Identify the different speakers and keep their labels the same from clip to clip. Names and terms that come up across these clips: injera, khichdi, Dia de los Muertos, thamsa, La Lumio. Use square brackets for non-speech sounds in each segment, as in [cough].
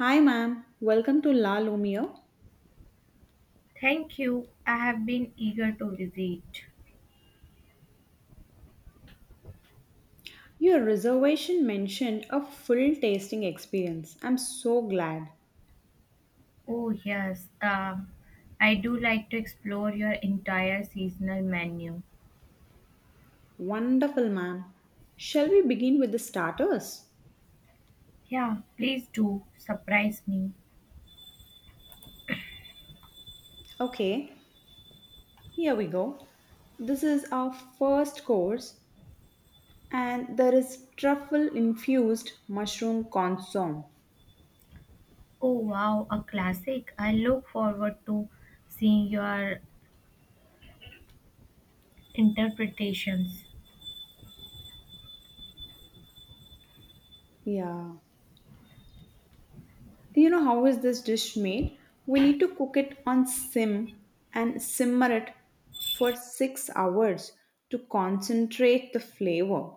Speaker 1: Hi, ma'am. Welcome to La Lumio.
Speaker 2: Thank you. I have been eager to visit.
Speaker 1: Your reservation mentioned a full tasting experience. I'm so glad.
Speaker 2: Oh, yes. I do like to explore your entire seasonal menu.
Speaker 1: Wonderful, ma'am. Shall we begin with the starters?
Speaker 2: Yeah, please do. Surprise me.
Speaker 1: Okay, here we go. This is our first course, and there is truffle infused mushroom consomme.
Speaker 2: Oh, wow. A classic. I look forward to seeing your interpretations.
Speaker 1: Yeah. You know how is this dish made? We need to cook it on sim and simmer it for 6 hours to concentrate the flavor.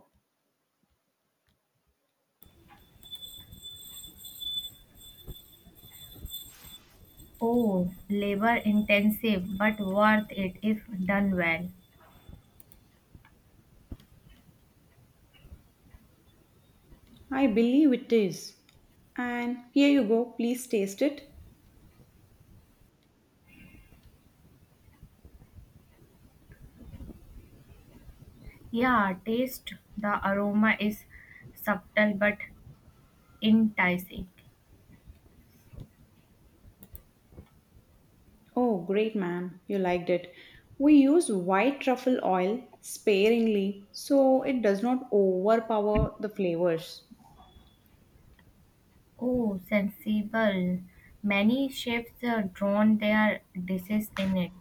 Speaker 2: Oh, labor intensive, but worth it if done well.
Speaker 1: I believe it is. And here you go, please taste it.
Speaker 2: Yeah, taste. The aroma is subtle but enticing.
Speaker 1: Oh, great, ma'am, you liked it. We use white truffle oil sparingly so it does not overpower the flavors.
Speaker 2: Oh, sensible. Many chefs drown their dishes in it.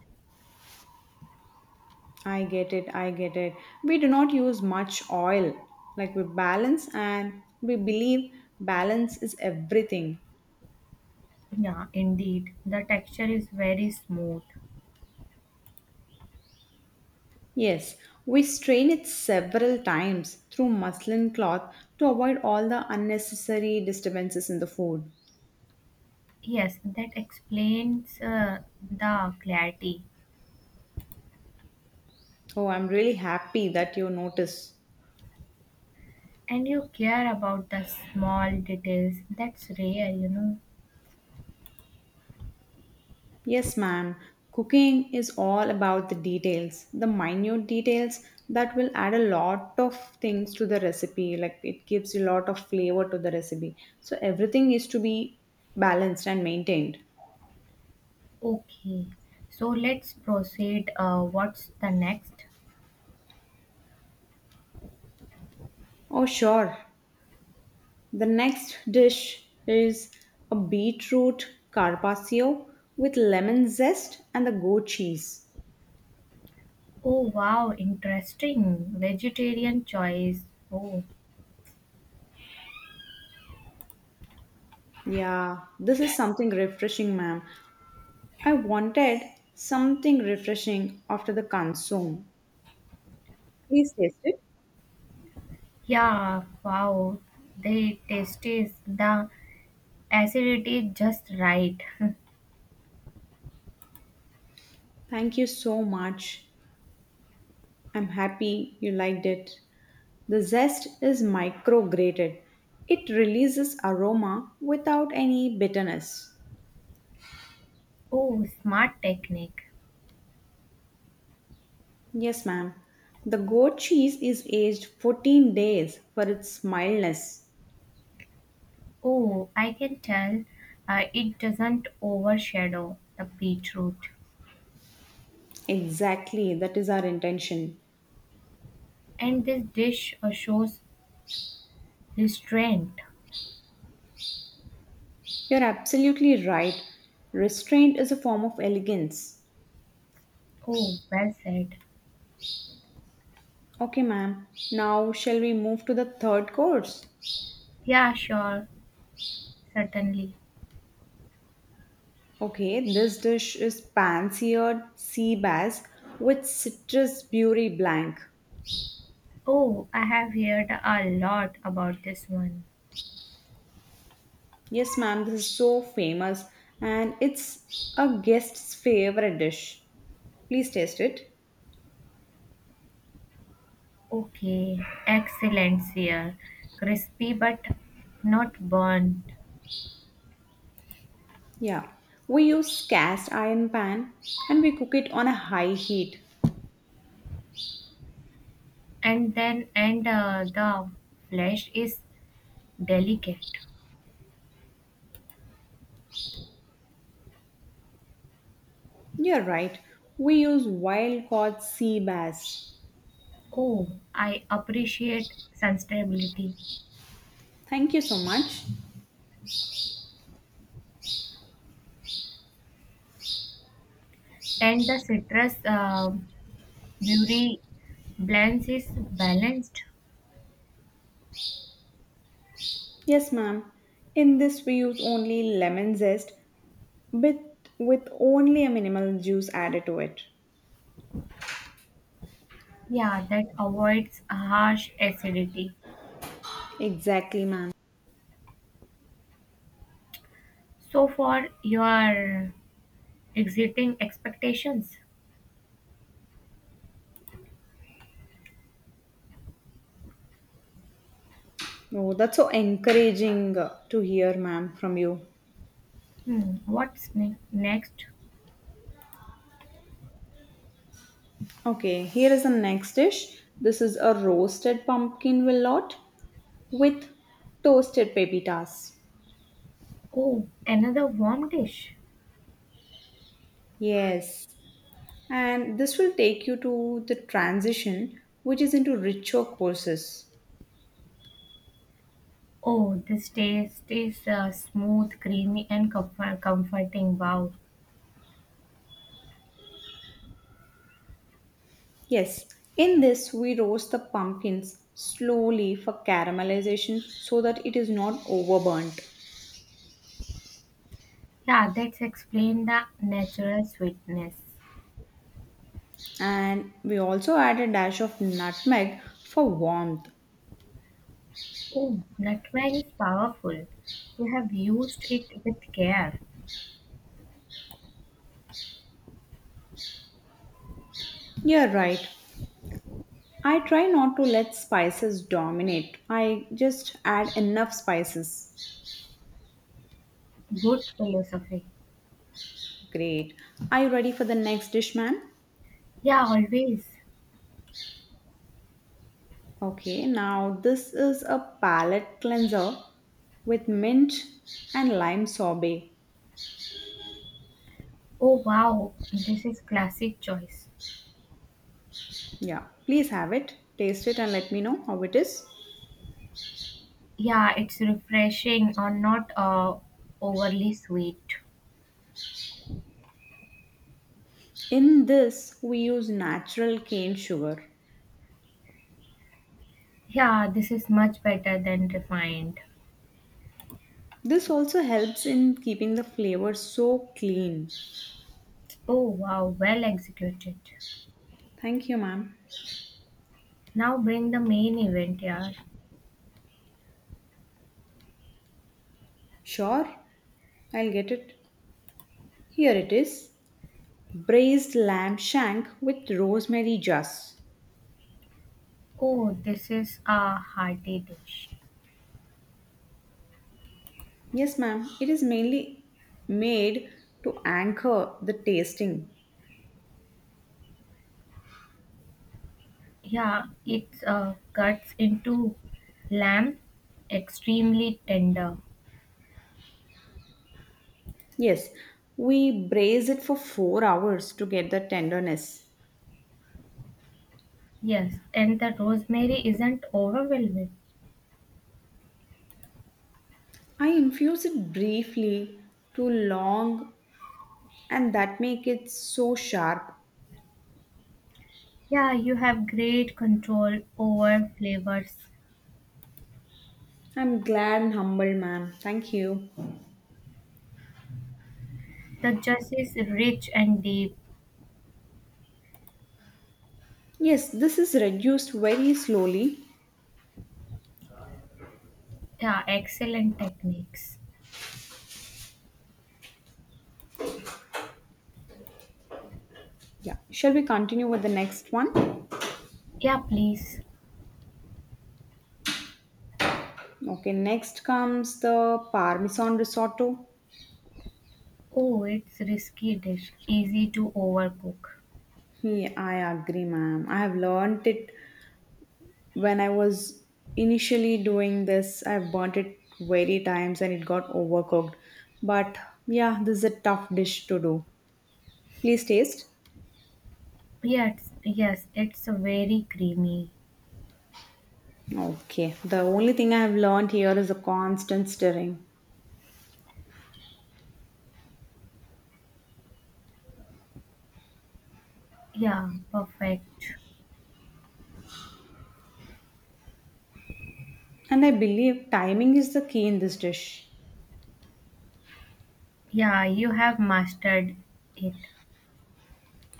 Speaker 1: I get it, I get it. We do not use much oil. Like we balance and we believe balance is everything.
Speaker 2: Yeah, indeed. The texture is very smooth.
Speaker 1: Yes, we strain it several times through muslin cloth to avoid all the unnecessary disturbances in the food.
Speaker 2: Yes, that explains the clarity.
Speaker 1: Oh, I'm really happy that you notice.
Speaker 2: And you care about the small details. That's rare, you know.
Speaker 1: Yes, ma'am. Cooking is all about the details, the minute details that will add a lot of things to the recipe. Like it gives a lot of flavor to the recipe. So everything is to be balanced and maintained.
Speaker 2: Okay, so let's proceed. What's the next?
Speaker 1: Oh, sure. The next dish is a beetroot carpaccio with lemon zest and the goat cheese.
Speaker 2: Oh, wow, interesting. Vegetarian choice. Oh,
Speaker 1: Yeah, this is something refreshing, ma'am. I wanted something refreshing after the consume. Please taste it.
Speaker 2: yeah, wow. They tastes the acidity just right. [laughs]
Speaker 1: Thank you so much. I'm happy you liked it. The zest is micrograted. It releases aroma without any bitterness.
Speaker 2: Oh, smart technique.
Speaker 1: Yes, ma'am. The goat cheese is aged 14 days for its mildness.
Speaker 2: Oh, I can tell, it doesn't overshadow the beetroot.
Speaker 1: Exactly, that is our intention.
Speaker 2: And this dish shows restraint.
Speaker 1: You're absolutely right. Restraint is a form of elegance.
Speaker 2: Oh, well said.
Speaker 1: Okay, ma'am. Now, shall we move to the third course?
Speaker 2: Yeah, sure, certainly.
Speaker 1: Okay, this dish is pan-seared sea bass with citrus beauty blank.
Speaker 2: Oh, I have heard a lot about this one.
Speaker 1: Yes, ma'am, this is so famous and it's a guest's favorite dish. Please taste it.
Speaker 2: Okay, excellent here. Crispy but not burnt.
Speaker 1: Yeah. We use cast iron pan and we cook it on a high heat.
Speaker 2: And the flesh is delicate.
Speaker 1: You're right. We use wild caught sea bass.
Speaker 2: Oh, I appreciate sustainability.
Speaker 1: Thank you so much.
Speaker 2: And the citrus, beauty blends is balanced.
Speaker 1: Yes, ma'am. In this, we use only lemon zest with, with only a minimal juice added to it.
Speaker 2: Yeah, that avoids harsh acidity.
Speaker 1: Exactly, ma'am.
Speaker 2: So for your exiting expectations,
Speaker 1: Oh, that's so encouraging to hear, ma'am, from you.
Speaker 2: hmm, next?
Speaker 1: Okay, here is the next dish. This is a roasted pumpkin willout with toasted pepitas.
Speaker 2: Oh, another warm dish.
Speaker 1: Yes, and this will take you to the transition, which is into richer courses.
Speaker 2: Oh, this taste is smooth, creamy, and comforting. Wow.
Speaker 1: Yes, in this, we roast the pumpkins slowly for caramelization so that it is not overburnt.
Speaker 2: Yeah, that's explain the natural sweetness.
Speaker 1: And we also add a dash of nutmeg for warmth.
Speaker 2: Oh, nutmeg is powerful. You have used it with care.
Speaker 1: You're right. I try not to let spices dominate. I just add enough spices.
Speaker 2: Good philosophy.
Speaker 1: Great. Are you ready for the next dish, man?
Speaker 2: Yeah, always.
Speaker 1: Okay, now this is a palate cleanser with mint and lime sorbet.
Speaker 2: Oh, wow. This is classic choice.
Speaker 1: Yeah, please have it. Taste it and let me know how it is.
Speaker 2: Yeah, it's refreshing or not overly sweet.
Speaker 1: In this, we use natural cane sugar.
Speaker 2: Yeah, this is much better than refined.
Speaker 1: This also helps in keeping the flavor so clean.
Speaker 2: Oh, wow. Well executed.
Speaker 1: Thank you, ma'am.
Speaker 2: Now bring the main event, yeah.
Speaker 1: Sure, I'll get it. Here it is braised lamb shank with rosemary juice.
Speaker 2: Oh, this is a hearty dish.
Speaker 1: Yes, ma'am, it is mainly made to anchor the tasting.
Speaker 2: Yeah, it's, cuts into lamb extremely tender.
Speaker 1: Yes, we braise it for 4 hours to get the tenderness.
Speaker 2: Yes, and the rosemary isn't overwhelming.
Speaker 1: I infuse it briefly to long and that make it so sharp.
Speaker 2: Yeah, you have great control over flavors.
Speaker 1: I'm glad and humbled, ma'am. Thank you.
Speaker 2: The juice is rich and deep.
Speaker 1: Yes, this is reduced very slowly.
Speaker 2: Yeah, excellent techniques.
Speaker 1: Yeah, shall we continue with the next one?
Speaker 2: Yeah, please.
Speaker 1: Okay, next comes the Parmesan risotto.
Speaker 2: Oh, it's risky dish, easy to overcook.
Speaker 1: Yeah, I agree, ma'am. I have learned it when I was initially doing this. I've burnt it very times and it got overcooked. But yeah, this is a tough dish to do. Please taste.
Speaker 2: Yes, yes, it's very creamy.
Speaker 1: Okay, the only thing I have learned here is a constant stirring.
Speaker 2: Yeah, perfect.
Speaker 1: And I believe timing is the key in this dish.
Speaker 2: Yeah, you have mastered it.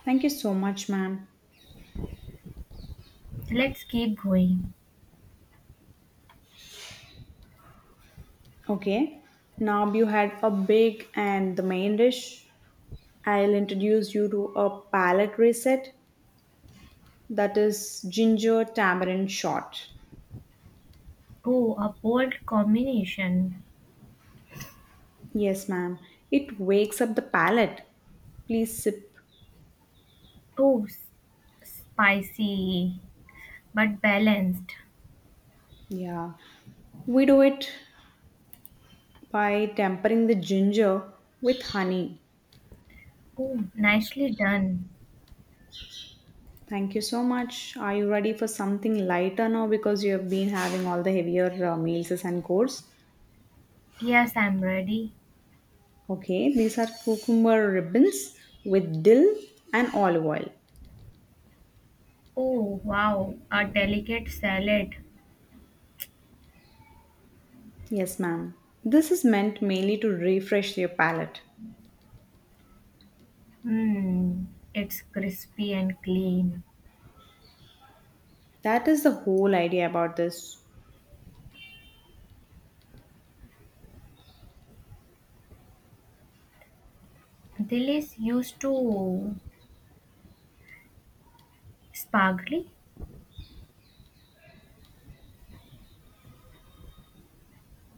Speaker 1: Thank you so much, ma'am.
Speaker 2: Let's keep going.
Speaker 1: Okay, now you had a big and the main dish. I'll introduce you to a palate reset that is ginger tamarind shot.
Speaker 2: Oh, a bold combination.
Speaker 1: Yes, ma'am. It wakes up the palate. Please sip.
Speaker 2: Oh, spicy but balanced.
Speaker 1: Yeah. We do it by tempering the ginger with honey.
Speaker 2: Oh, nicely done.
Speaker 1: Thank you so much. Are you ready for something lighter now because you have been having all the heavier meals and courses?
Speaker 2: Yes, I'm ready.
Speaker 1: Okay, these are cucumber ribbons with dill and olive oil.
Speaker 2: Oh, wow, a delicate salad.
Speaker 1: Yes, ma'am. This is meant mainly to refresh your palate.
Speaker 2: Hmm, it's crispy and clean.
Speaker 1: That is the whole idea about this.
Speaker 2: Dilis used to sparkly.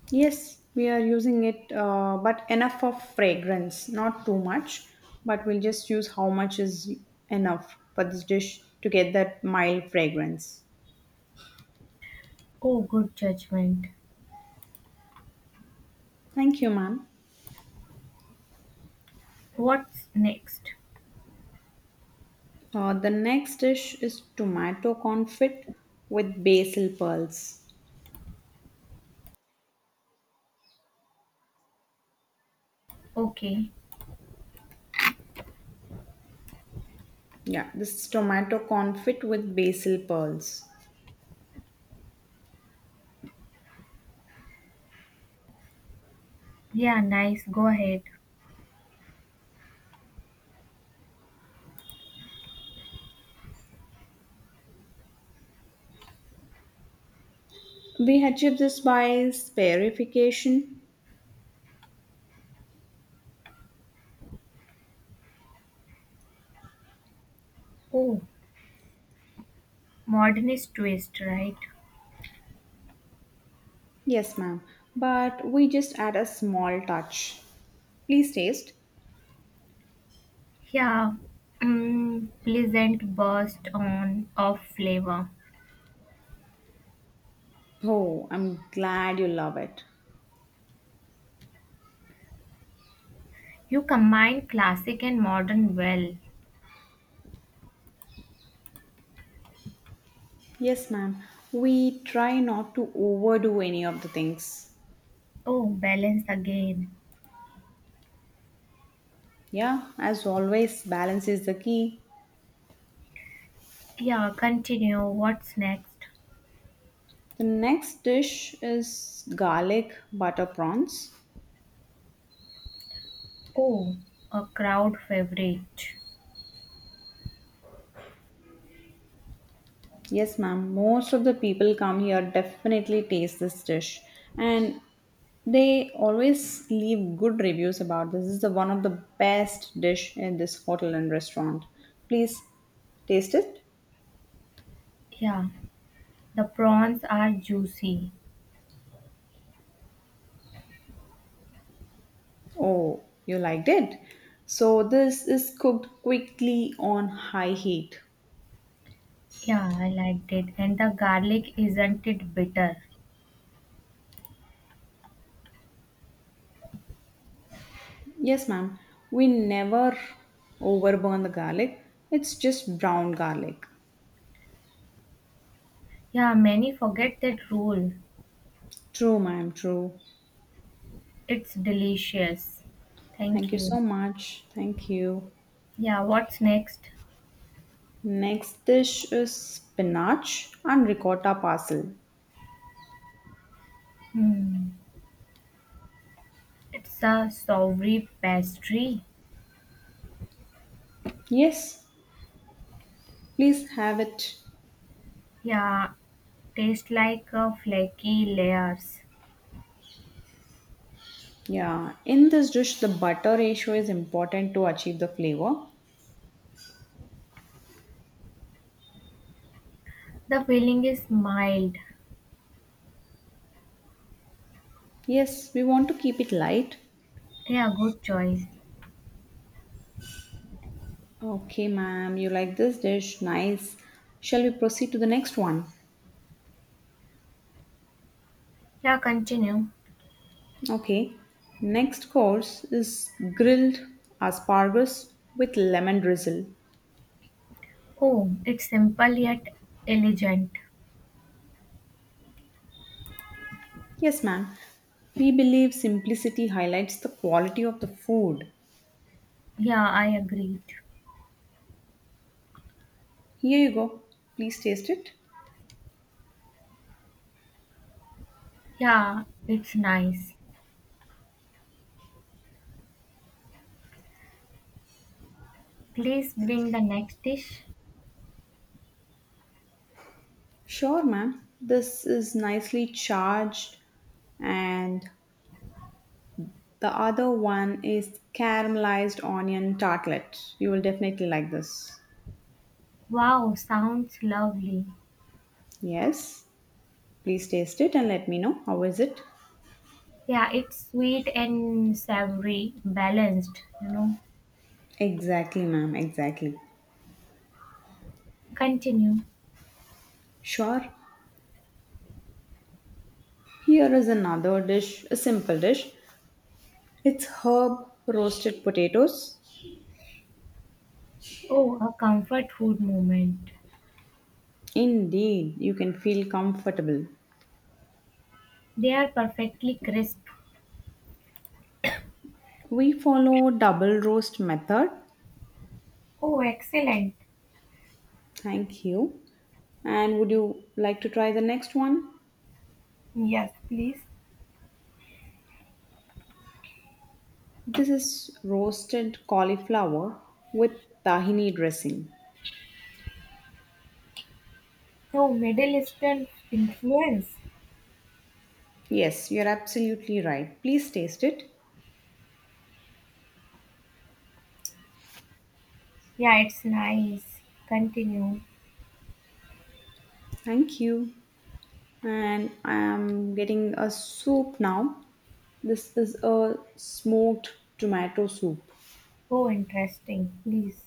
Speaker 1: Yes, we are using it, but enough of fragrance, not too much. But we'll just use how much is enough for this dish to get that mild fragrance.
Speaker 2: Oh, good judgment.
Speaker 1: Thank you, ma'am.
Speaker 2: What's next?
Speaker 1: The next dish is tomato confit with basil pearls.
Speaker 2: Okay.
Speaker 1: Yeah, this is tomato confit with basil pearls.
Speaker 2: Yeah, nice. Go ahead.
Speaker 1: We achieve this by sparification.
Speaker 2: Oh, modernist twist, right?
Speaker 1: Yes, ma'am. But we just add a small touch. Please taste.
Speaker 2: Yeah, mm, pleasant burst on of flavor.
Speaker 1: Oh, I'm glad you love it.
Speaker 2: You combine classic and modern well.
Speaker 1: Yes, ma'am. We try not to overdo any of the things.
Speaker 2: Oh, balance again.
Speaker 1: Yeah, as always, balance is the key.
Speaker 2: Yeah, continue. What's next?
Speaker 1: The next dish is garlic butter prawns.
Speaker 2: Oh, a crowd favorite.
Speaker 1: Yes, ma'am. Most of the people come here definitely taste this dish, and they always leave good reviews about this. This is the one of the best dish in this hotel and restaurant. Please taste it.
Speaker 2: Yeah, the prawns are juicy.
Speaker 1: Oh, you liked it. So this is cooked quickly on high heat.
Speaker 2: Yeah, I liked it. And the garlic isn't it bitter?
Speaker 1: Yes, ma'am. We never overburn the garlic. It's just brown garlic.
Speaker 2: Yeah, many forget that rule.
Speaker 1: True, ma'am. True.
Speaker 2: It's delicious.
Speaker 1: Thank
Speaker 2: Thank
Speaker 1: you
Speaker 2: you.
Speaker 1: so much. Thank you.
Speaker 2: Yeah, what's next?
Speaker 1: Next dish is spinach and ricotta parcel.
Speaker 2: Hmm. It's a savory pastry.
Speaker 1: Yes, please have it.
Speaker 2: Yeah, tastes like a flaky layers.
Speaker 1: Yeah, in this dish, the butter ratio is important to achieve the flavor.
Speaker 2: The filling is mild.
Speaker 1: Yes, we want to keep it light.
Speaker 2: Yeah, good choice.
Speaker 1: Okay, ma'am, you like this dish. Nice. Shall we proceed to the next one?
Speaker 2: Yeah, continue.
Speaker 1: Okay, next course is grilled asparagus with lemon drizzle.
Speaker 2: Oh, it's simple yet elegant.
Speaker 1: Yes, ma'am. We believe simplicity highlights the quality of the food.
Speaker 2: Yeah, I agreed.
Speaker 1: Here you go. Please taste it.
Speaker 2: Yeah, it's nice. Please bring the next dish.
Speaker 1: Sure, ma'am. This is nicely charged, and the other one is caramelized onion tartlet. You will definitely like this.
Speaker 2: Wow, sounds lovely.
Speaker 1: Yes, please taste it and let me know how is it.
Speaker 2: Yeah, it's sweet and savory, balanced, you know.
Speaker 1: Exactly, ma'am. Exactly.
Speaker 2: Continue.
Speaker 1: Sure. Here is another dish, a simple dish. It's herb roasted potatoes.
Speaker 2: Oh, a comfort food moment.
Speaker 1: Indeed, you can feel comfortable.
Speaker 2: They are perfectly crisp.
Speaker 1: We follow double roast method.
Speaker 2: Oh, excellent.
Speaker 1: Thank you. And would you like to try the next one?
Speaker 2: Yes, please.
Speaker 1: This is roasted cauliflower with tahini dressing.
Speaker 2: Oh, Middle Eastern influence.
Speaker 1: Yes, you're absolutely right. Please taste it.
Speaker 2: Yeah, it's nice. Continue.
Speaker 1: Thank you. And I'm getting a soup now. This is a smoked tomato soup.
Speaker 2: Oh, interesting. Please.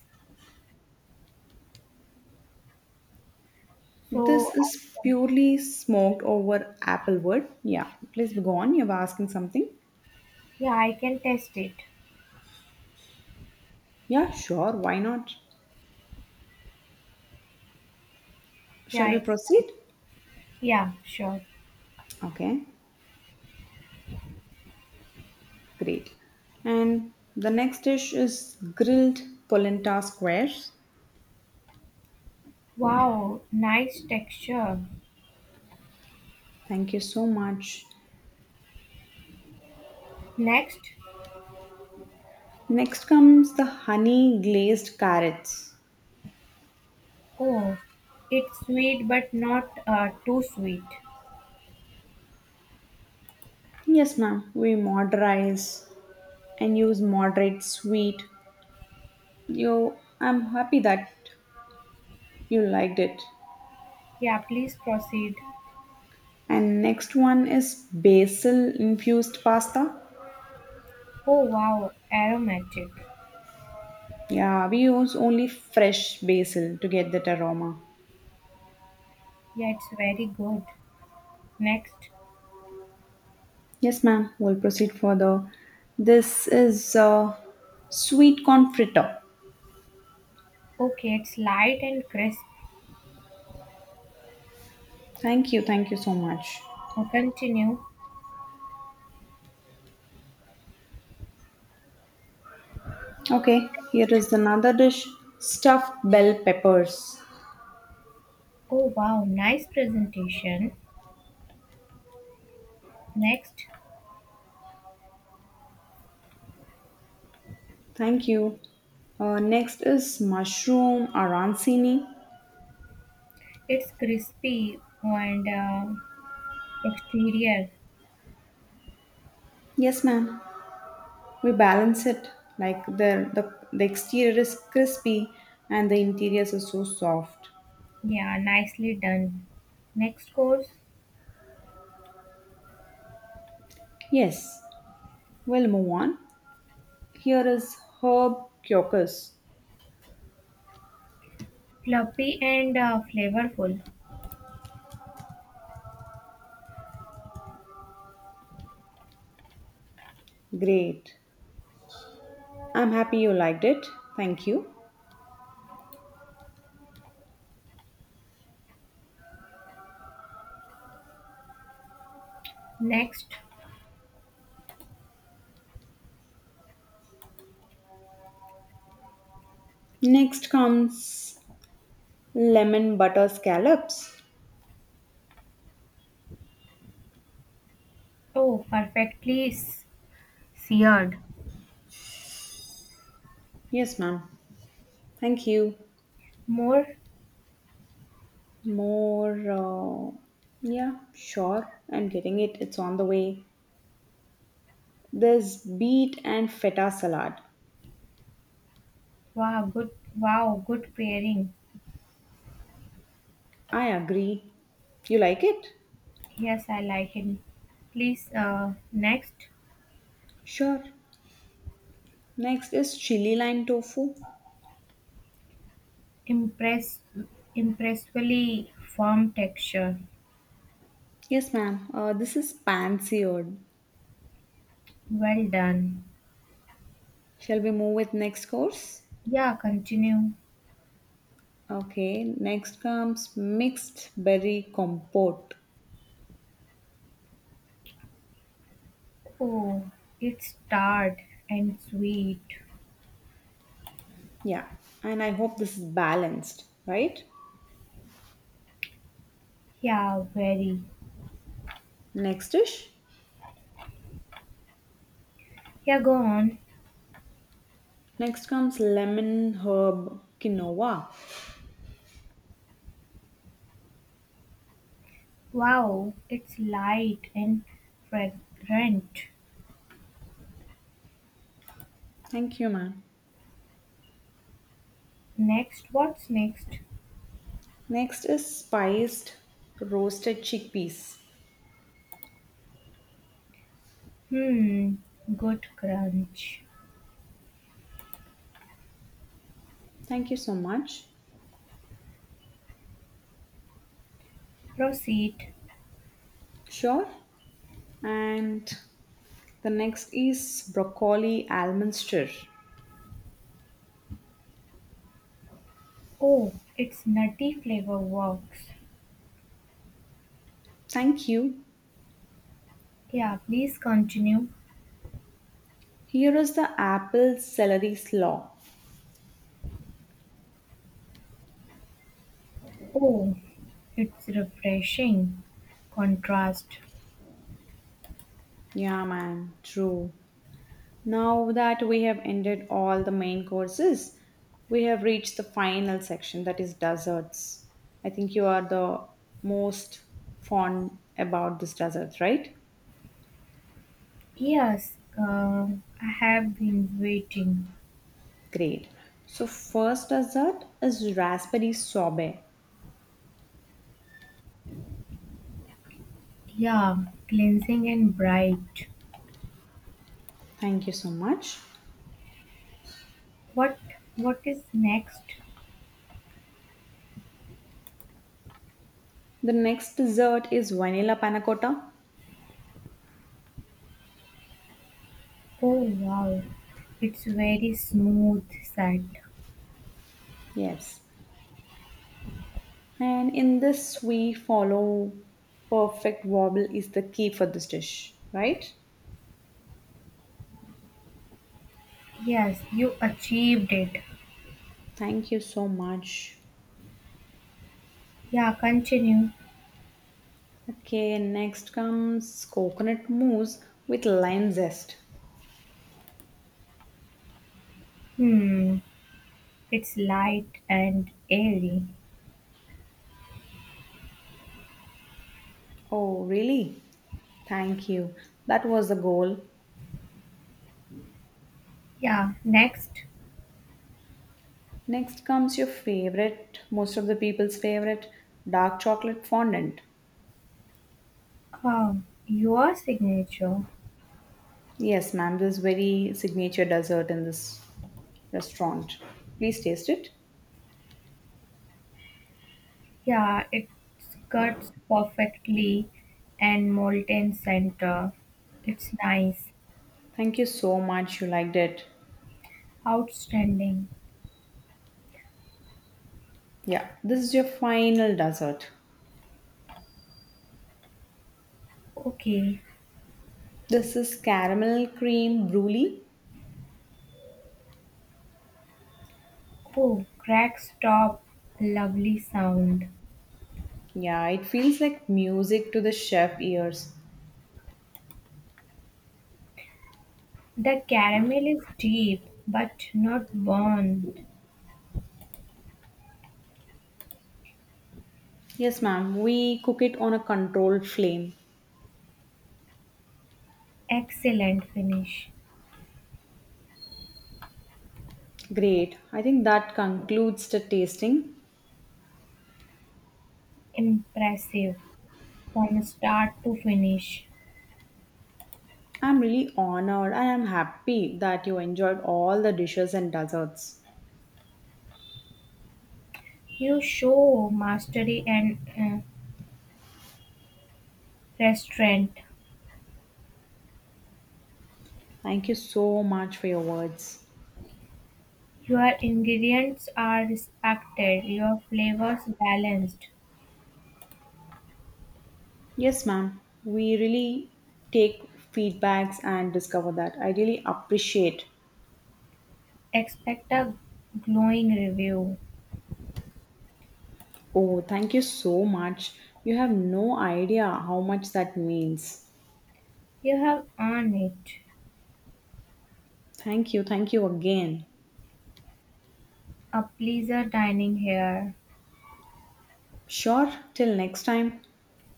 Speaker 1: This
Speaker 2: So, I
Speaker 1: is
Speaker 2: can,
Speaker 1: purely smoked over applewood. Yeah, please be gone. You're asking something.
Speaker 2: yeah, I can test it.
Speaker 1: Yeah, sure. Why not? Shall
Speaker 2: Yeah,
Speaker 1: we
Speaker 2: it's,
Speaker 1: proceed?
Speaker 2: yeah, sure.
Speaker 1: Okay. Great. And the next dish is grilled polenta squares.
Speaker 2: Wow, nice texture.
Speaker 1: Thank you so much.
Speaker 2: Next.
Speaker 1: Next comes the honey glazed carrots.
Speaker 2: Oh, it's sweet but not, too sweet.
Speaker 1: Yes, ma'am. We moderize and use moderate sweet. You, I'm happy that you liked it.
Speaker 2: Yeah, please proceed.
Speaker 1: And next one is basil infused pasta.
Speaker 2: Oh, wow, aromatic.
Speaker 1: Yeah, we use only fresh basil to get that aroma.
Speaker 2: Yeah, it's very good. Next.
Speaker 1: Yes, ma'am. We'll proceed further. This is sweet corn fritter.
Speaker 2: Okay, it's light and crisp.
Speaker 1: Thank you. Thank you so much.
Speaker 2: I continue.
Speaker 1: Okay, here is another dish stuffed bell peppers.
Speaker 2: Oh wow, nice presentation. Next,
Speaker 1: Thank you. Next is mushroom arancini.
Speaker 2: it's crispy and, exterior.
Speaker 1: Yes, ma'am. We balance it like the exterior is crispy and the interior is so soft.
Speaker 2: Yeah, nicely done. Next course,
Speaker 1: Yes, we'll move on. Here is herb crocus.
Speaker 2: fluffy and, flavorful.
Speaker 1: Great. I'm happy you liked it. Thank you.
Speaker 2: Next,
Speaker 1: Next comes lemon butter scallops.
Speaker 2: oh, perfectly seared.
Speaker 1: Yes, ma'am. Thank you.
Speaker 2: More,
Speaker 1: More, yeah, sure. I'm getting it. It's on the way. There's beet and feta salad.
Speaker 2: wow, good, wow, good pairing.
Speaker 1: I agree. You like it?
Speaker 2: Yes, I like it. Please, next.
Speaker 1: Sure. Next is chili lime tofu.
Speaker 2: Impress, impressively firm texture.
Speaker 1: Yes, ma'am. This is pan seared.
Speaker 2: Well done.
Speaker 1: Shall we move with next course?
Speaker 2: Yeah, continue.
Speaker 1: Okay. Next comes mixed berry compote.
Speaker 2: Oh, it's tart and sweet.
Speaker 1: Yeah, and I hope this is balanced, right?
Speaker 2: Yeah, very.
Speaker 1: Next dish.
Speaker 2: Yeah, go on.
Speaker 1: Next comes lemon herb quinoa.
Speaker 2: Wow, it's light and fragrant.
Speaker 1: Thank you, ma'am.
Speaker 2: Next, what's next?
Speaker 1: Next is spiced roasted chickpeas.
Speaker 2: Hmm, good crunch.
Speaker 1: Thank you so much.
Speaker 2: Proceed.
Speaker 1: Sure. And the next is broccoli almond stir.
Speaker 2: Oh, it's nutty flavor works.
Speaker 1: Thank you.
Speaker 2: Yeah, please continue.
Speaker 1: Here is the apple celery slaw.
Speaker 2: Oh, it's refreshing contrast.
Speaker 1: Yeah, man. True. Now that we have ended all the main courses, we have reached the final section that is desserts. I think you are the most fond about this dessert, right?
Speaker 2: Yes, I have been waiting.
Speaker 1: Great. So first dessert is raspberry sorbet.
Speaker 2: Yeah, cleansing and bright.
Speaker 1: Thank you so much.
Speaker 2: What what is next?
Speaker 1: The next dessert is vanilla panna cotta.
Speaker 2: Oh wow, it's very smooth set.
Speaker 1: Yes. And in this we follow perfect wobble is the key for this dish, right?
Speaker 2: Yes, you achieved it.
Speaker 1: Thank you so much.
Speaker 2: Yeah, continue.
Speaker 1: Okay, next comes coconut mousse with lime zest.
Speaker 2: Hmm, it's light and airy.
Speaker 1: Oh, really? Thank you. That was the goal.
Speaker 2: Yeah, next.
Speaker 1: Next comes your favorite, most of the people's favorite, dark chocolate fondant.
Speaker 2: Your signature.
Speaker 1: Yes, ma'am, this is very signature dessert in this restaurant. Please taste it.
Speaker 2: Yeah, it cuts perfectly and molten center. It's nice.
Speaker 1: Thank you so much. You liked it.
Speaker 2: Outstanding.
Speaker 1: Yeah, this is your final dessert.
Speaker 2: Okay.
Speaker 1: This is caramel cream brulee.
Speaker 2: Oh, cracks top. Lovely sound.
Speaker 1: Yeah, it feels like music to the chef ears.
Speaker 2: The caramel is deep but not burnt.
Speaker 1: Yes, ma'am. We cook it on a controlled flame.
Speaker 2: Excellent finish.
Speaker 1: Great. I think that concludes the tasting.
Speaker 2: Impressive from start to finish.
Speaker 1: I'm really honored and I'm happy that you enjoyed all the dishes and desserts.
Speaker 2: You show mastery and, restraint.
Speaker 1: Thank you so much for your words.
Speaker 2: Your ingredients are respected, your flavors balanced.
Speaker 1: Yes, ma'am. We really take feedbacks and discover that. I really appreciate.
Speaker 2: Expect a glowing review.
Speaker 1: Oh, thank you so much. You have no idea how much that means.
Speaker 2: You have earned it.
Speaker 1: Thank you. Thank you again.
Speaker 2: A pleaser dining here.
Speaker 1: Sure. Till next time.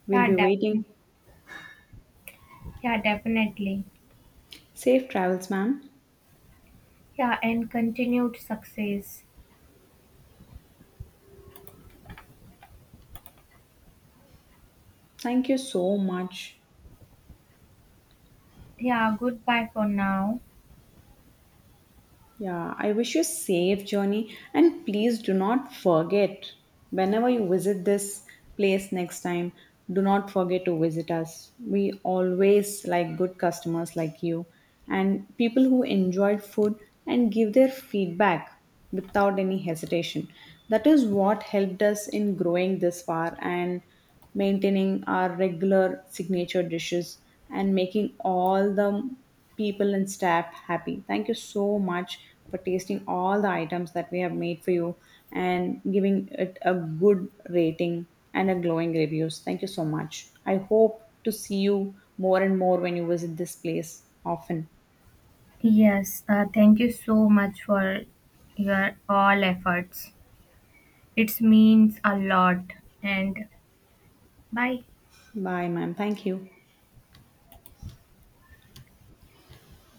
Speaker 1: We'll
Speaker 2: Yeah,
Speaker 1: be
Speaker 2: definitely.
Speaker 1: waiting.
Speaker 2: Yeah, definitely.
Speaker 1: Safe travels, ma'am.
Speaker 2: Yeah, and continued success.
Speaker 1: Thank you so much.
Speaker 2: Yeah, goodbye for now.
Speaker 1: Yeah, I wish you a safe journey and please do not forget whenever you visit this place next time, do not forget to visit us. We always like good customers like you and people who enjoy food and give their feedback without any hesitation. That is what helped us in growing this far and maintaining our regular signature dishes and making all the people and staff happy. Thank you so much for tasting all the items that we have made for you and giving it a good rating and a glowing reviews. Thank you so much. I hope to see you more and more when you visit this place often.
Speaker 2: Yes, thank you so much for your all efforts. It means a lot. And bye.
Speaker 1: Bye, ma'am. Thank you.